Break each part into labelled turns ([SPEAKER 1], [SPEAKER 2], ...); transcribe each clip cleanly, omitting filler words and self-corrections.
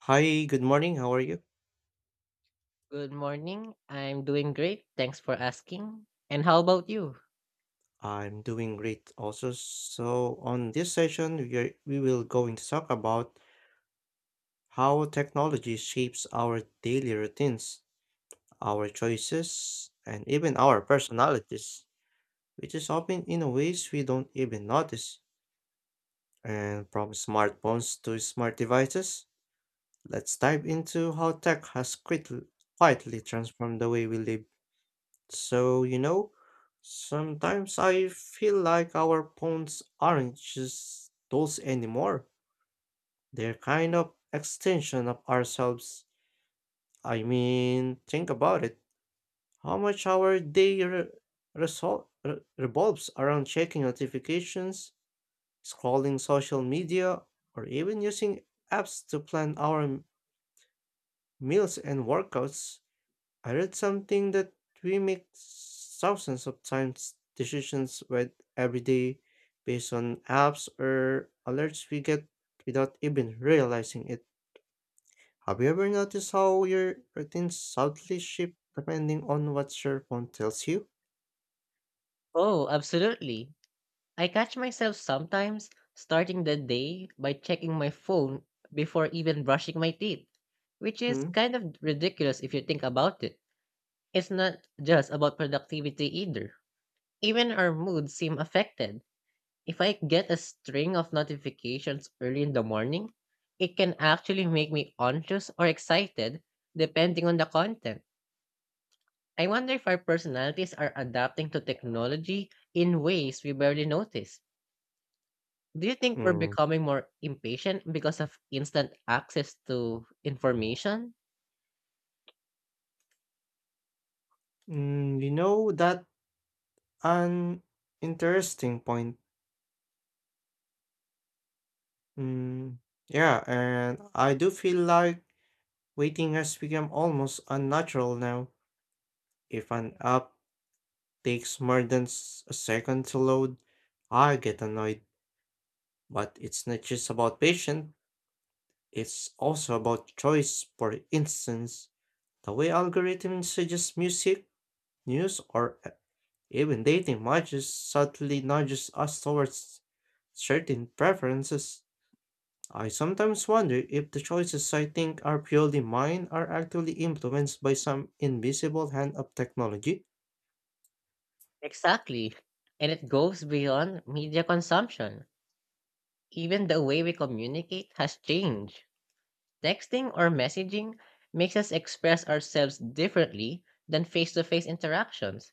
[SPEAKER 1] Hi, good morning. How are you?
[SPEAKER 2] Good morning. I'm doing great. Thanks for asking. And how about you?
[SPEAKER 1] I'm doing great also. So on this session, we will going to talk about how technology shapes our daily routines, our choices, and even our personalities, which is often in ways we don't even notice. And from smartphones to smart devices, let's dive into how tech has quietly transformed the way we live. So, sometimes I feel like our phones aren't just tools anymore. They're kind of extension of ourselves. I mean, think about it. How much our day revolves around checking notifications, scrolling social media, or even using apps to plan our meals and workouts. I read something that we make thousands of times decisions with every day based on apps or alerts we get without even realizing it. Have you ever noticed how your routine subtly shift depending on what your phone tells you?
[SPEAKER 2] Oh, absolutely. I catch myself sometimes starting the day by checking my phone before even brushing my teeth, which is
[SPEAKER 1] Mm.
[SPEAKER 2] kind of ridiculous if you think about it. It's not just about productivity either. Even our moods seem affected. If I get a string of notifications early in the morning, it can actually make me anxious or excited depending on the content. I wonder if our personalities are adapting to technology in ways we barely notice. Do you think we're
[SPEAKER 1] Mm.
[SPEAKER 2] becoming more impatient because of instant access to information?
[SPEAKER 1] You know that an interesting point. Mm, yeah, and I do feel like waiting has become almost unnatural now. If an app takes more than a second to load, I get annoyed. But it's not just about patience, it's also about choice. For instance, the way algorithms suggest music, news, or even dating matches subtly nudges us towards certain preferences. I sometimes wonder if the choices I think are purely mine are actually influenced by some invisible hand of technology.
[SPEAKER 2] Exactly. And it goes beyond media consumption. Even the way we communicate has changed. Texting or messaging makes us express ourselves differently than face to face interactions.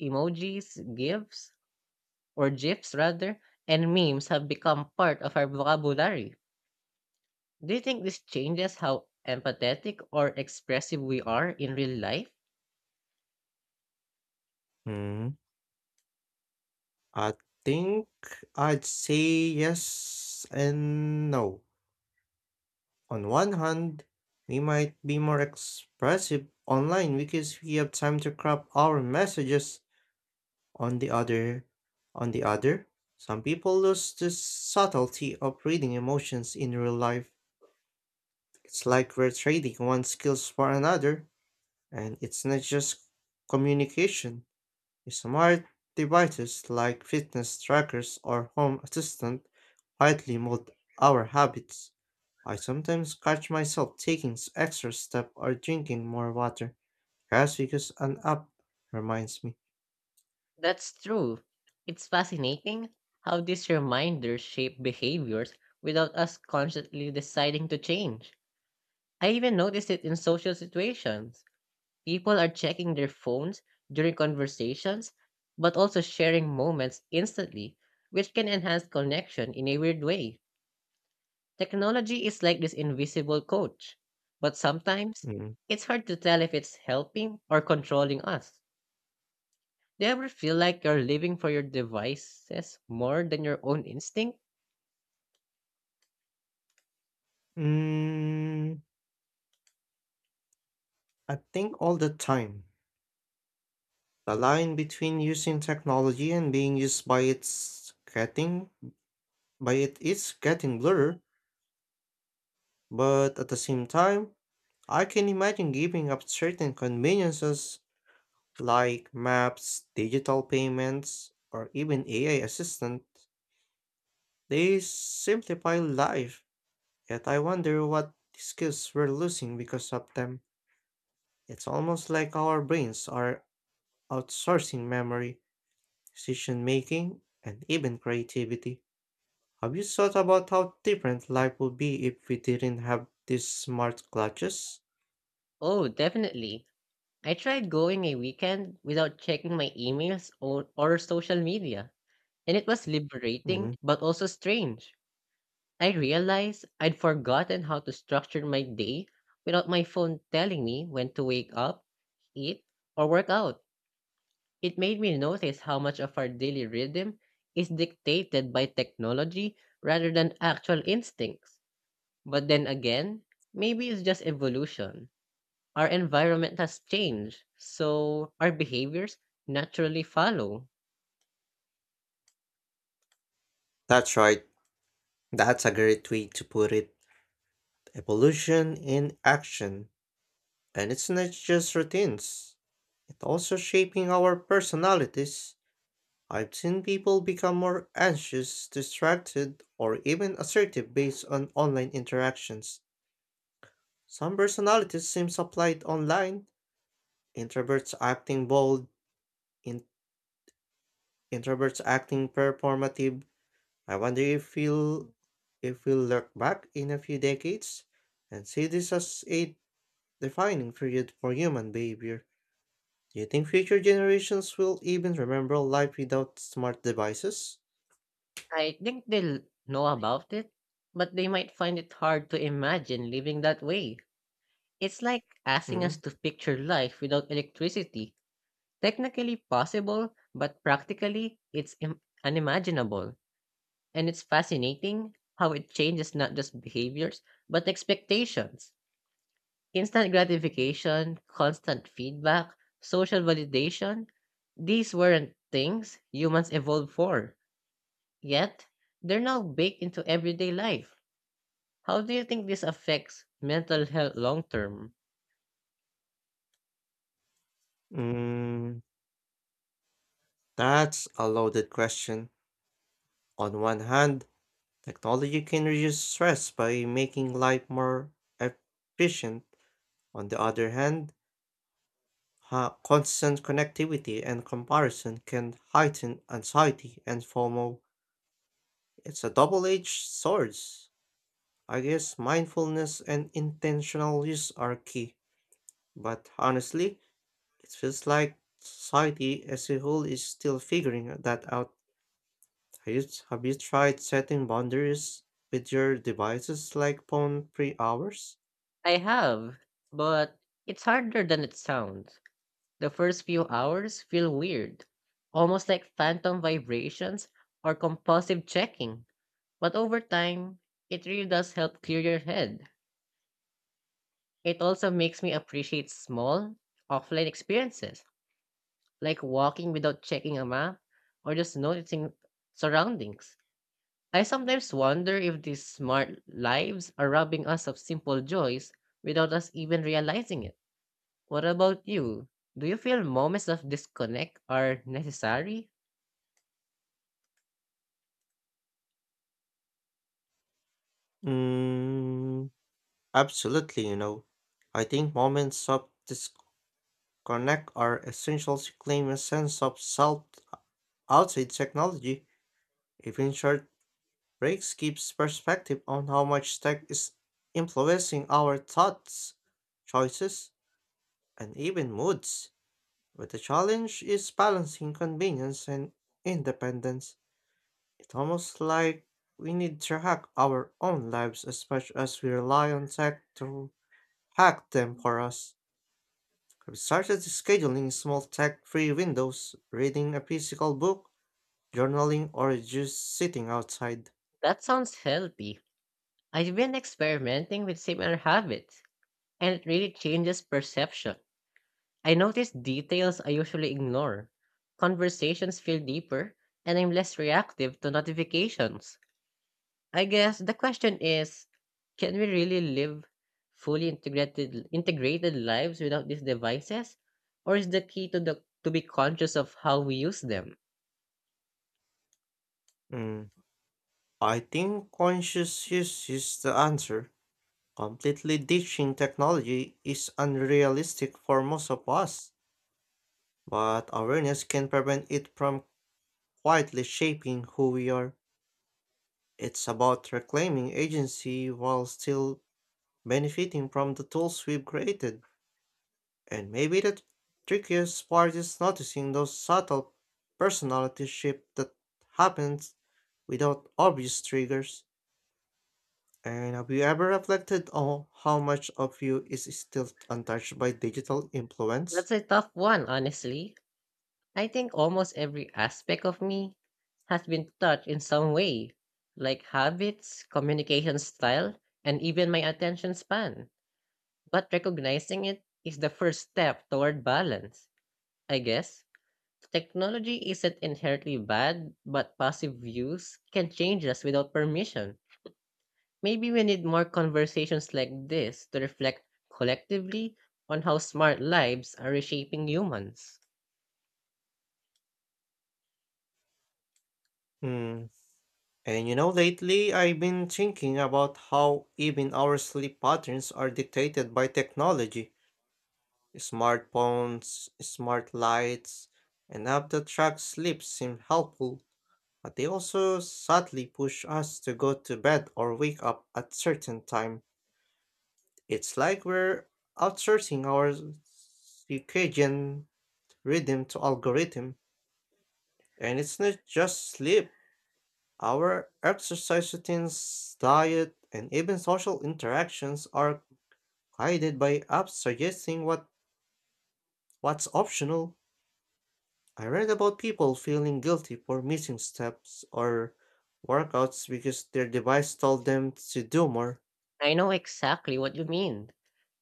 [SPEAKER 2] Emojis, GIFs, or GIFs rather, and memes have become part of our vocabulary. Do you think this changes how empathetic or expressive we are in real life?
[SPEAKER 1] Hmm. I think I'd say yes and no. On one hand, we might be more expressive online because we have time to craft our messages. On the other, on the other, some people lose the subtlety of reading emotions in real life. It's like we're trading one skills for another, and it's not just communication. Smart devices like fitness trackers or home assistant quietly mold our habits. I sometimes catch myself taking extra step or drinking more water just because an app reminds me.
[SPEAKER 2] That's true. It's fascinating how these reminders shape behaviors without us consciously deciding to change. I even noticed it in social situations. People are checking their phones during conversations, but also sharing moments instantly, which can enhance connection in a weird way. Technology is like this invisible coach, but sometimes
[SPEAKER 1] Mm.
[SPEAKER 2] it's hard to tell if it's helping or controlling us. Do you ever feel like you're living for your devices more than your own instinct?
[SPEAKER 1] Mm, I think all the time. The line between using technology and being used by it is getting blurred, but at the same time, I can imagine giving up certain conveniences like maps, digital payments, or even AI assistant, they simplify life. Yet I wonder what skills we're losing because of them. It's almost like our brains are outsourcing memory, decision making, and even creativity. Have you thought about how different life would be if we didn't have these smart clutches?
[SPEAKER 2] Oh, definitely. I tried going a weekend without checking my emails or social media, and it was liberating
[SPEAKER 1] Mhm.
[SPEAKER 2] but also strange. I realized I'd forgotten how to structure my day without my phone telling me when to wake up, eat, or work out. It made me notice how much of our daily rhythm is dictated by technology rather than actual instincts. But then again, maybe it's just evolution. Our environment has changed, so our behaviors naturally follow.
[SPEAKER 1] That's right. That's a great way to put it. Evolution in action. And it's not just routines, it's also shaping our personalities. I've seen people become more anxious, distracted, or even assertive based on online interactions. Some personalities seem applied online. Introverts acting bold, in- introverts acting performative. I wonder if we'll look back in a few decades and see this as a defining period for human behavior. Do you think future generations will even remember life without smart devices?
[SPEAKER 2] I think they'll know about it, but they might find it hard to imagine living that way. It's like asking us
[SPEAKER 1] Mm.
[SPEAKER 2] to picture life without electricity. Technically possible, but practically, it's unimaginable. And it's fascinating how it changes not just behaviors, but expectations. Instant gratification, constant feedback, social validation, these weren't things humans evolved for. Yet, they're now baked into everyday life. How do you think this affects mental health long term?
[SPEAKER 1] Mm, that's a loaded question. On one hand, technology can reduce stress by making life more efficient. On the other hand, constant connectivity and comparison can heighten anxiety and FOMO. It's a double edged sword. I guess mindfulness and intentional use are key. But honestly, it feels like society as a whole is still figuring that out. Have you, have you tried setting boundaries with your devices like phone free hours?
[SPEAKER 2] I have, but it's harder than it sounds. The first few hours feel weird, almost like phantom vibrations or compulsive checking. But over time, it really does help clear your head. It also makes me appreciate small, offline experiences, like walking without checking a map or just noticing surroundings. I sometimes wonder if these smart lives are robbing us of simple joys without us even realizing it. What about you? Do you feel moments of disconnect are necessary?
[SPEAKER 1] Mm, absolutely, you know. I think moments of disconnect are essential to claim a sense of self outside technology. Even short breaks gives perspective on how much tech is influencing our thoughts, choices, and even moods. But the challenge is balancing convenience and independence. It's almost like we need to hack our own lives as much as we rely on tech to hack them for us. I've started scheduling small tech free windows, reading a physical book, journaling, or just sitting outside.
[SPEAKER 2] That sounds healthy. I've been experimenting with similar habits, and it really changes perception. I notice details I usually ignore. Conversations feel deeper, and I'm less reactive to notifications. I guess the question is, can we really live fully integrated lives without these devices, or is the key to the to be conscious of how we use them?
[SPEAKER 1] Mm, I think conscious use is the answer. Completely ditching technology is unrealistic for most of us but awareness can prevent it from quietly shaping who we are. It's about reclaiming agency while still benefiting from the tools we've created. And maybe the trickiest part is noticing those subtle personality shifts that happens without obvious triggers. And have you ever reflected on how much of you is still untouched by digital influence?
[SPEAKER 2] That's a tough one, honestly. I think almost every aspect of me has been touched in some way, like habits, communication style, and even my attention span. But recognizing it is the first step toward balance. I guess technology isn't inherently bad, but passive use can change us without permission. Maybe we need more conversations like this to reflect collectively on how smart lives are reshaping humans.
[SPEAKER 1] Mm. And you know, lately I've been thinking about how even our sleep patterns are dictated by technology. Smartphones, smart lights, and app that track sleep seem helpful, but they also subtly push us to go to bed or wake up at certain time. It's like we're outsourcing our circadian rhythm to algorithm. And it's not just sleep. Our exercise routines, diet, and even social interactions are guided by apps suggesting what's optional. I read about people feeling guilty for missing steps or workouts because their device told them to do more.
[SPEAKER 2] I know exactly what you mean.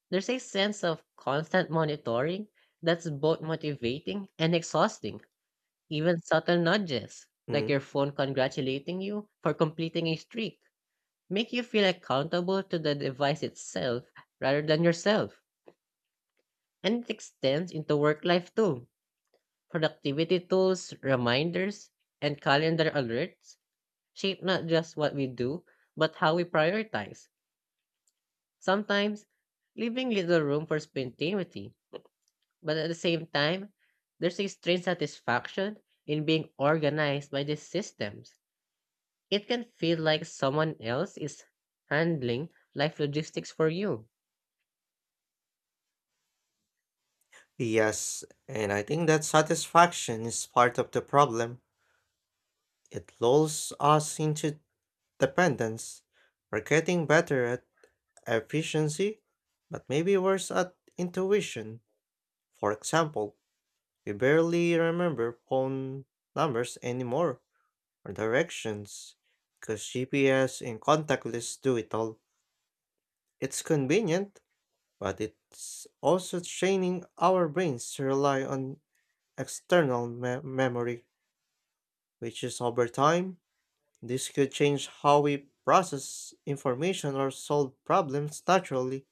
[SPEAKER 2] There's a sense of constant monitoring that's both motivating and exhausting. Even subtle nudges, like
[SPEAKER 1] Mm.
[SPEAKER 2] your phone congratulating you for completing a streak, make you feel accountable to the device itself rather than yourself. And it extends into work life too. Productivity tools, reminders, and calendar alerts shape not just what we do, but how we prioritize. Sometimes leaving little room for spontaneity, but at the same time, there's a strange satisfaction in being organized by these systems. It can feel like someone else is handling life logistics for you.
[SPEAKER 1] Yes, and I think that satisfaction is part of the problem. It lulls us into dependence. We're getting better at efficiency, but maybe worse at intuition. For example, we barely remember phone numbers anymore or directions because GPS and contactless do it all. It's convenient, but it's also training our brains to rely on external memory, which is over time. This could change how we process information or solve problems naturally.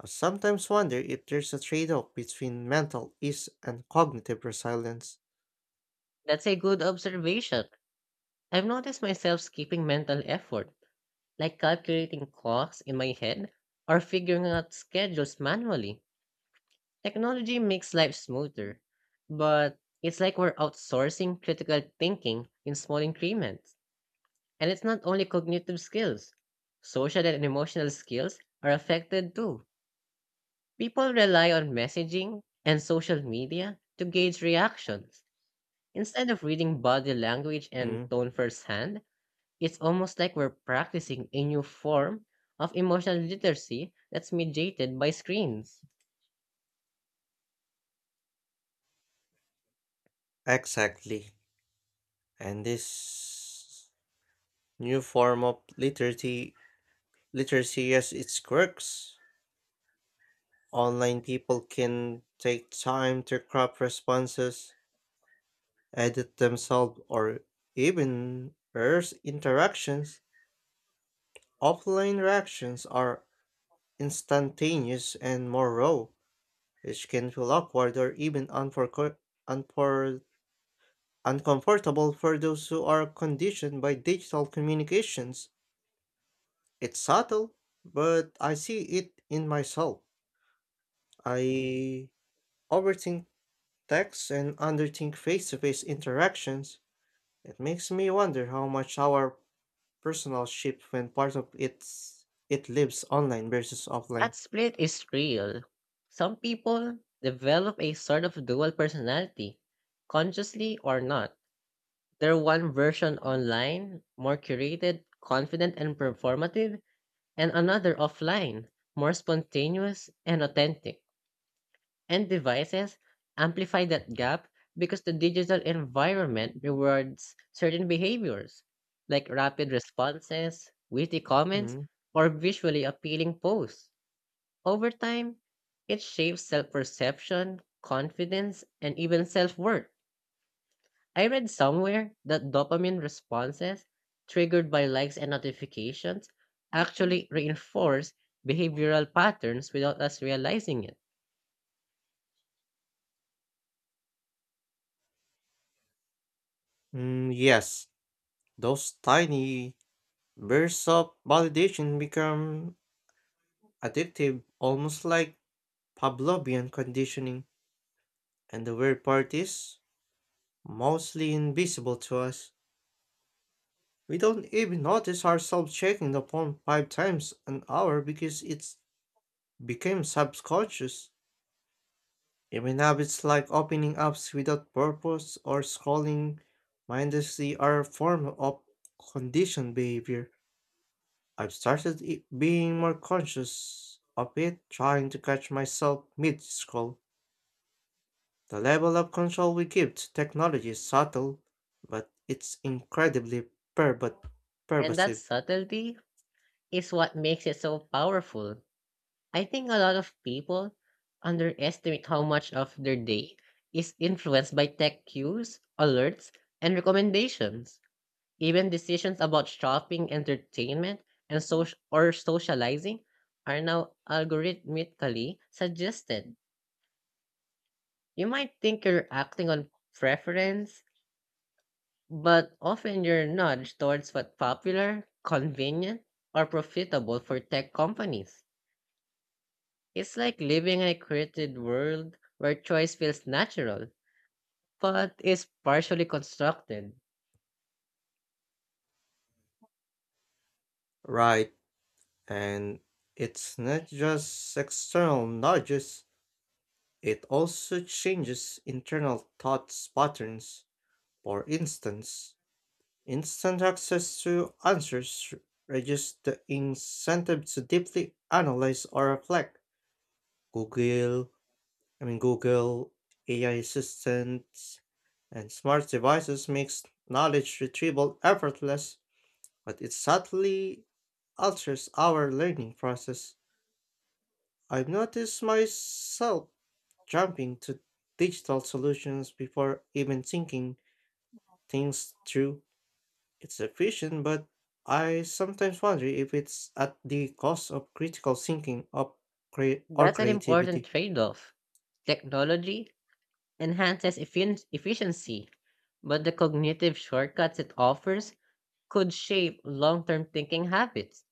[SPEAKER 1] I sometimes wonder if there's a trade off between mental ease and cognitive resilience.
[SPEAKER 2] That's a good observation. I've noticed myself skipping mental effort, like calculating costs in my head or figuring out schedules manually. Technology makes life smoother, but it's like we're outsourcing critical thinking in small increments. And it's not only cognitive skills, social and emotional skills are affected too. People rely on messaging and social media to gauge reactions instead of reading body language and
[SPEAKER 1] Mm,
[SPEAKER 2] tone firsthand. It's almost like we're practicing a new form of emotional literacy that's mediated by screens.
[SPEAKER 1] exactly. And this new form of literacy literacy has its quirks. Online people can take time to craft responses, edit themselves, or even erase interactions. Offline reactions are instantaneous and more raw, which can feel awkward or even unfor- uncomfortable for those who are conditioned by digital communications. It's subtle, but I see it in myself. I overthink text and underthink face to face interactions, it makes me wonder how much our personal shift when part of it's it lives online versus offline.
[SPEAKER 2] That split is real. Some people develop a sort of dual personality, consciously or not. They're one version online, more curated, confident, and performative, and another offline, more spontaneous and authentic. And devices amplify that gap because the digital environment rewards certain behaviors, like rapid responses, witty comments,
[SPEAKER 1] Mm.
[SPEAKER 2] or visually appealing posts. Over time, it shapes self perception, confidence, and even self worth. I read somewhere that dopamine responses triggered by likes and notifications actually reinforce behavioral patterns without us realizing it.
[SPEAKER 1] Mm, yes, those tiny bursts of validation become addictive, almost like Pavlovian conditioning. And the weird part is mostly invisible to us. We don't even notice ourselves checking the phone five times an hour because it's became subconscious. Even habits like opening apps without purpose or scrolling mindlessly are a form of conditioned behavior. I've started being more conscious of it, trying to catch myself mid scroll. The level of control we give to technology is subtle, but it's incredibly pervert-
[SPEAKER 2] And that
[SPEAKER 1] pervasive.
[SPEAKER 2] subtlety is what makes it so powerful. I think a lot of people underestimate how much of their day is influenced by tech cues, alerts, and recommendations. Even decisions about shopping, entertainment, and social or socializing are now algorithmically suggested. You might think you're acting on preference, but often you're nudged towards what's popular, convenient, or profitable for tech companies. It's like living in a created world where choice feels natural, but is partially constructed.
[SPEAKER 1] Right, and it's not just external nudges. It also changes internal thought patterns. For instance, instant access to answers reduces the incentive to deeply analyze or reflect. Google, I mean Google, AI assistants, and smart devices makes knowledge retrieval effortless, but it subtly alters our learning process. I've noticed myself jumping to digital solutions before even thinking things through. It's efficient, but I sometimes wonder if it's at the cost of critical thinking of cre- or
[SPEAKER 2] That's an important
[SPEAKER 1] creativity.
[SPEAKER 2] trade off. Technology enhances efficiency, but the cognitive shortcuts it offers could shape long term thinking habits.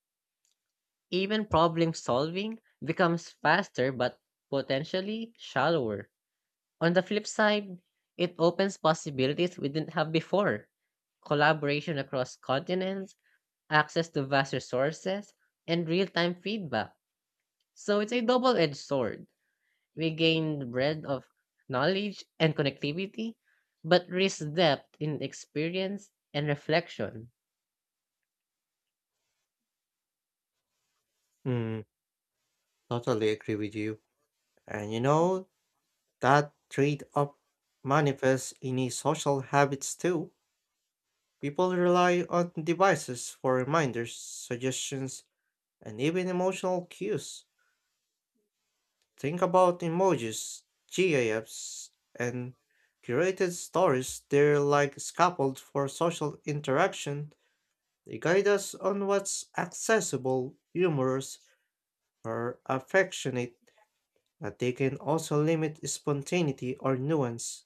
[SPEAKER 2] Even problem solving becomes faster but potentially shallower. On the flip side, it opens possibilities we didn't have before, collaboration across continents, access to vast resources, and real-time feedback. So it's a double-edged sword. We gain the breadth of knowledge and connectivity, but risk depth in experience and reflection.
[SPEAKER 1] Mm, totally agree with you. And you know, that trade off manifests in his social habits too. People rely on devices for reminders, suggestions, and even emotional cues. Think about emojis, GIFs, and curated stories. They're like scaffold for social interaction. They guide us on what's accessible, humorous, or affectionate, but they can also limit spontaneity or nuance.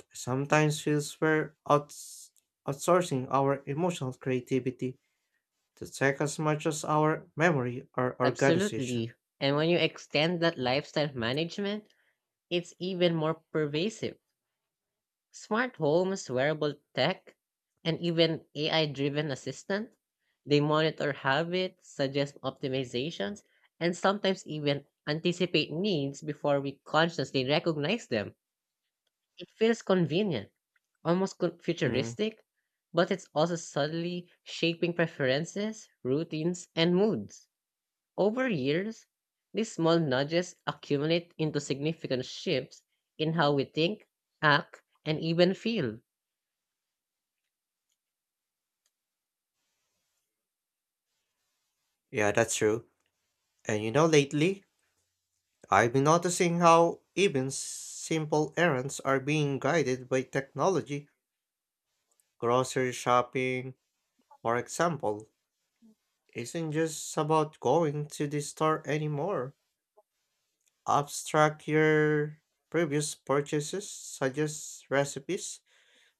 [SPEAKER 1] I sometimes feels we're outsourcing our emotional creativity to tech as much as our memory or organization.
[SPEAKER 2] Absolutely. And when you extend that lifestyle management, it's even more pervasive. Smart homes, wearable tech, and even AI driven assistant, they monitor habits, suggest optimizations, and sometimes even anticipate needs before we consciously recognize them. It feels convenient, almost
[SPEAKER 1] Mm,
[SPEAKER 2] futuristic, but it's also subtly shaping preferences, routines, and moods. Over years, these small nudges accumulate into significant shifts in how we think, act, and even feel.
[SPEAKER 1] yeah, that's true. And you know, lately, I've been noticing how even simple errands are being guided by technology. Grocery shopping, for example, isn't just about going to the store anymore. Apps track your previous purchases, suggest recipes,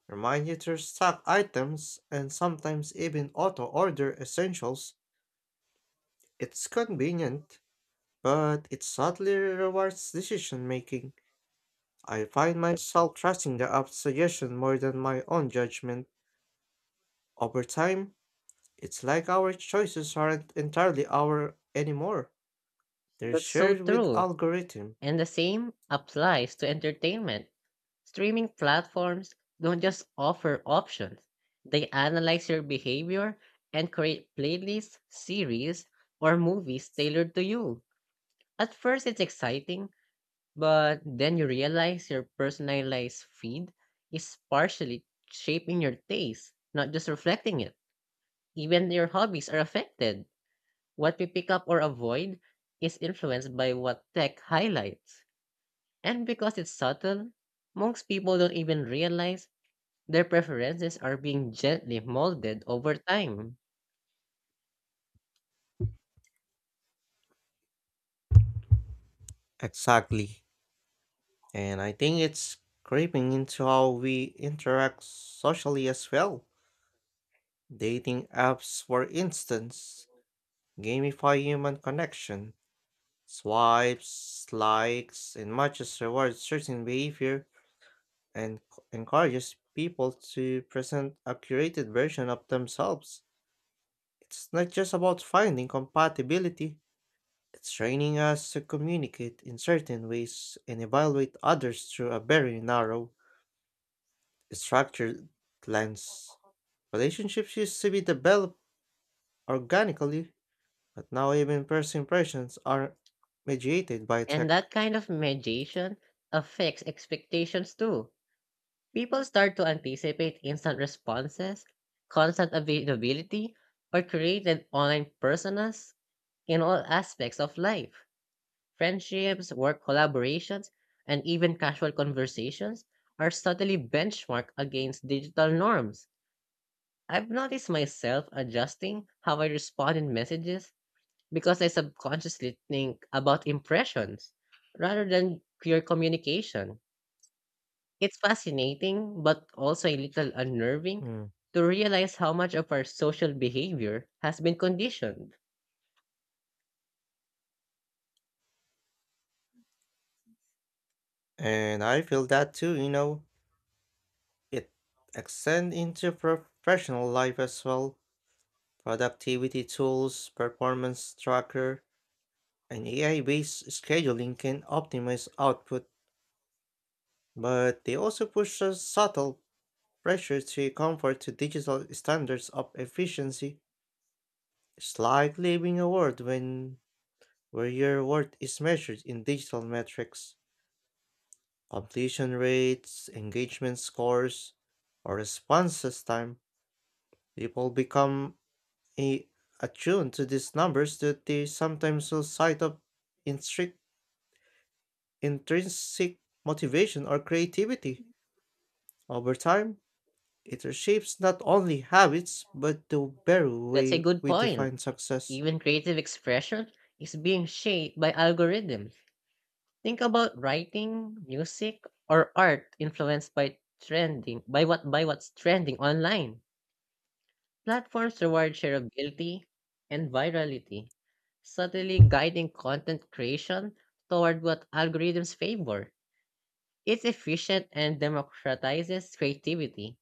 [SPEAKER 1] remind you to stock items, and sometimes even auto order essentials. It's convenient, but it subtly rewards decision making. I find myself trusting the app's suggestion more than my own judgment. Over time, it's like our choices aren't entirely our anymore. They're
[SPEAKER 2] That's so
[SPEAKER 1] shared with
[SPEAKER 2] true.
[SPEAKER 1] algorithm.
[SPEAKER 2] And the same applies to entertainment. Streaming platforms don't just offer options, they analyze your behavior and create playlists, series, or movies tailored to you. At first, it's exciting, but then you realize your personalized feed is partially shaping your taste, not just reflecting it. Even your hobbies are affected. What we pick up or avoid is influenced by what tech highlights. And because it's subtle, most people don't even realize their preferences are being gently molded over time.
[SPEAKER 1] Exactly. And I think it's creeping into how we interact socially as well. Dating apps, for instance, gamify human connection. Swipes, likes, and matches reward certain behavior and encourages people to present a curated version of themselves. It's not just about finding compatibility, it's training us to communicate in certain ways and evaluate others through a very narrow, structured lens. Relationships used to be developed organically, but now even first impressions are mediated by
[SPEAKER 2] And
[SPEAKER 1] tech.
[SPEAKER 2] that kind of mediation affects expectations too. People start to anticipate instant responses, constant availability, or created online personas in all aspects of life. Friendships, work collaborations, and even casual conversations are subtly benchmarked against digital norms. I've noticed myself adjusting how I respond in messages because I subconsciously think about impressions rather than pure communication. It's fascinating, but also a little unnerving
[SPEAKER 1] Mm.
[SPEAKER 2] to realize how much of our social behavior has been conditioned.
[SPEAKER 1] And I feel that too, you know, it extends into professional life as well. Productivity tools, performance tracker, and AI based scheduling can optimize output, but they also push a subtle pressure to conform to digital standards of efficiency. It's like living a world when where your worth is measured in digital metrics, completion rates, engagement scores, or responses time. People become a attuned to these numbers that they sometimes lose sight of in strict intrinsic motivation or creativity. Over time, it reshapes not only habits but the very
[SPEAKER 2] That's a
[SPEAKER 1] way
[SPEAKER 2] good
[SPEAKER 1] we
[SPEAKER 2] point.
[SPEAKER 1] define success.
[SPEAKER 2] Even creative expression is being shaped by algorithms. Think about writing, music, or art influenced by trending by what by what's trending online. Platforms reward shareability and virality, subtly guiding content creation toward what algorithms favor. It's efficient and democratizes creativity,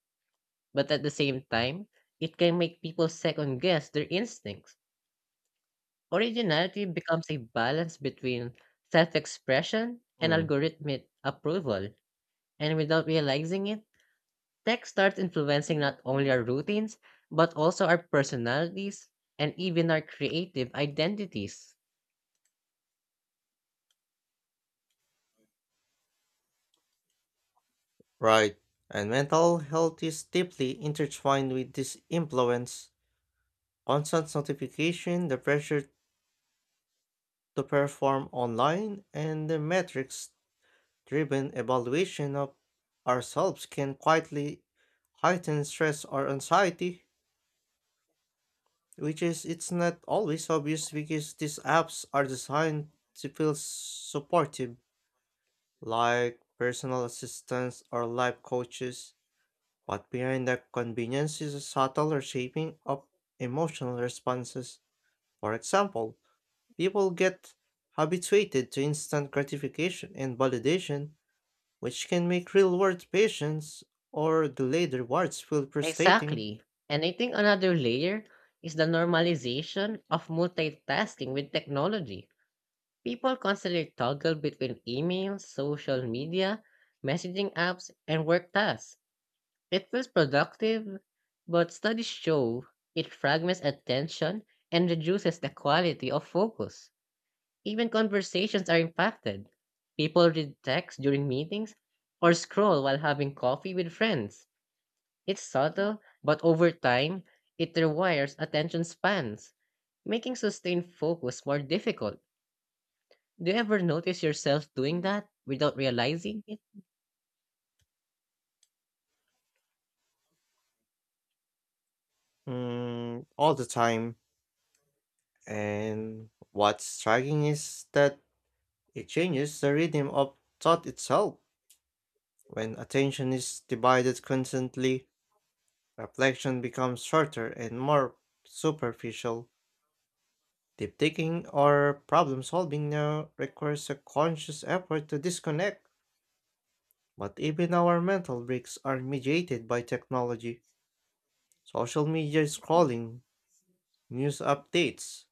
[SPEAKER 2] but at the same time, it can make people second guess their instincts. Originality becomes a balance between self expression and
[SPEAKER 1] Mm.
[SPEAKER 2] algorithmic approval, and without realizing it, tech starts influencing not only our routines, but also our personalities and even our creative identities.
[SPEAKER 1] Right. And mental health is deeply intertwined with this influence. Constant notification, the pressure to perform online, and the metrics driven evaluation of ourselves can quietly heighten stress or anxiety. Which is, it's not always obvious because these apps are designed to feel supportive, like personal assistants or life coaches. But behind the convenience is a subtle shaping of emotional responses. For example, people get habituated to instant gratification and validation, which can make real world patience or delayed rewards feel frustrating.
[SPEAKER 2] Exactly. And I think another layer is the normalization of multitasking with technology. People constantly toggle between emails, social media, messaging apps, and work tasks. It feels productive, but studies show it fragments attention and reduces the quality of focus. Even conversations are impacted. People read text during meetings or scroll while having coffee with friends. It's subtle, but over time, it rewires attention spans, making sustained focus more difficult. Do you ever notice yourself doing that without realizing it?
[SPEAKER 1] All the time. And what's striking is that it changes the rhythm of thought itself. When attention is divided constantly, reflection becomes shorter and more superficial. Deep thinking or problem solving now requires a conscious effort to disconnect. But even our mental breaks are mediated by technology. Social media scrolling, news updates,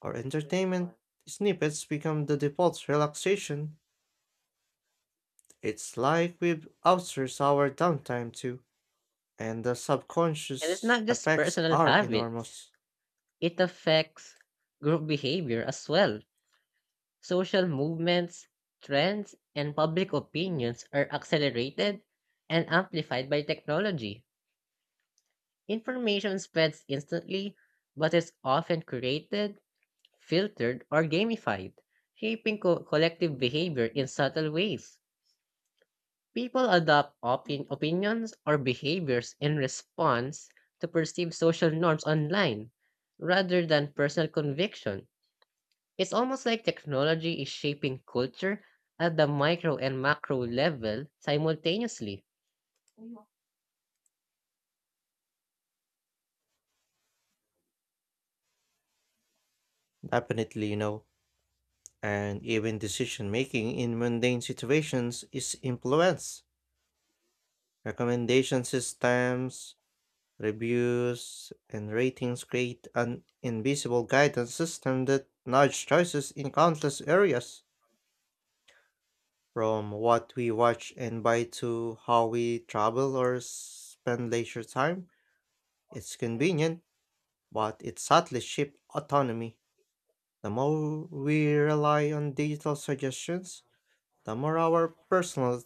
[SPEAKER 1] or entertainment snippets become the default relaxation. It's like we've outsourced our downtime to, and the
[SPEAKER 2] And it's
[SPEAKER 1] subconscious
[SPEAKER 2] not just
[SPEAKER 1] effects
[SPEAKER 2] personal
[SPEAKER 1] are
[SPEAKER 2] habits,
[SPEAKER 1] enormous.
[SPEAKER 2] it affects group behavior as well. Social movements, trends, and public opinions are accelerated and amplified by technology. Information spreads instantly, but is often created, filtered, or gamified, shaping collective behavior in subtle ways. People adopt opinions or behaviors in response to perceived social norms online rather than personal conviction. It's almost like technology is shaping culture at the micro and macro level simultaneously.
[SPEAKER 1] Definitely, you know. And even decision making in mundane situations is influenced. Recommendation systems, reviews, and ratings create an invisible guidance system that nudge choices in countless areas, from what we watch and buy to how we travel or spend leisure time. It's convenient but it subtly shifts autonomy. The more we rely on digital suggestions, the more our personal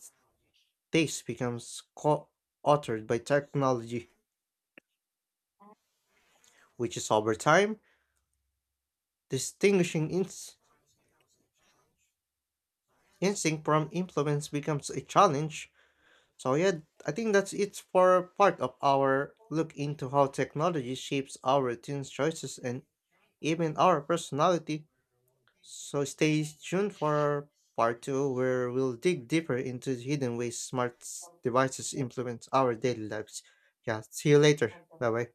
[SPEAKER 1] taste becomes co authored by technology, which is over time, distinguishing instinct from influence becomes a challenge. So, yeah, I think that's it for part of our look into how technology shapes our teens' choices and even our personality. So stay tuned for part 2 where we'll dig deeper into the hidden ways smart devices influence our daily lives. Yeah, see you later. Bye bye.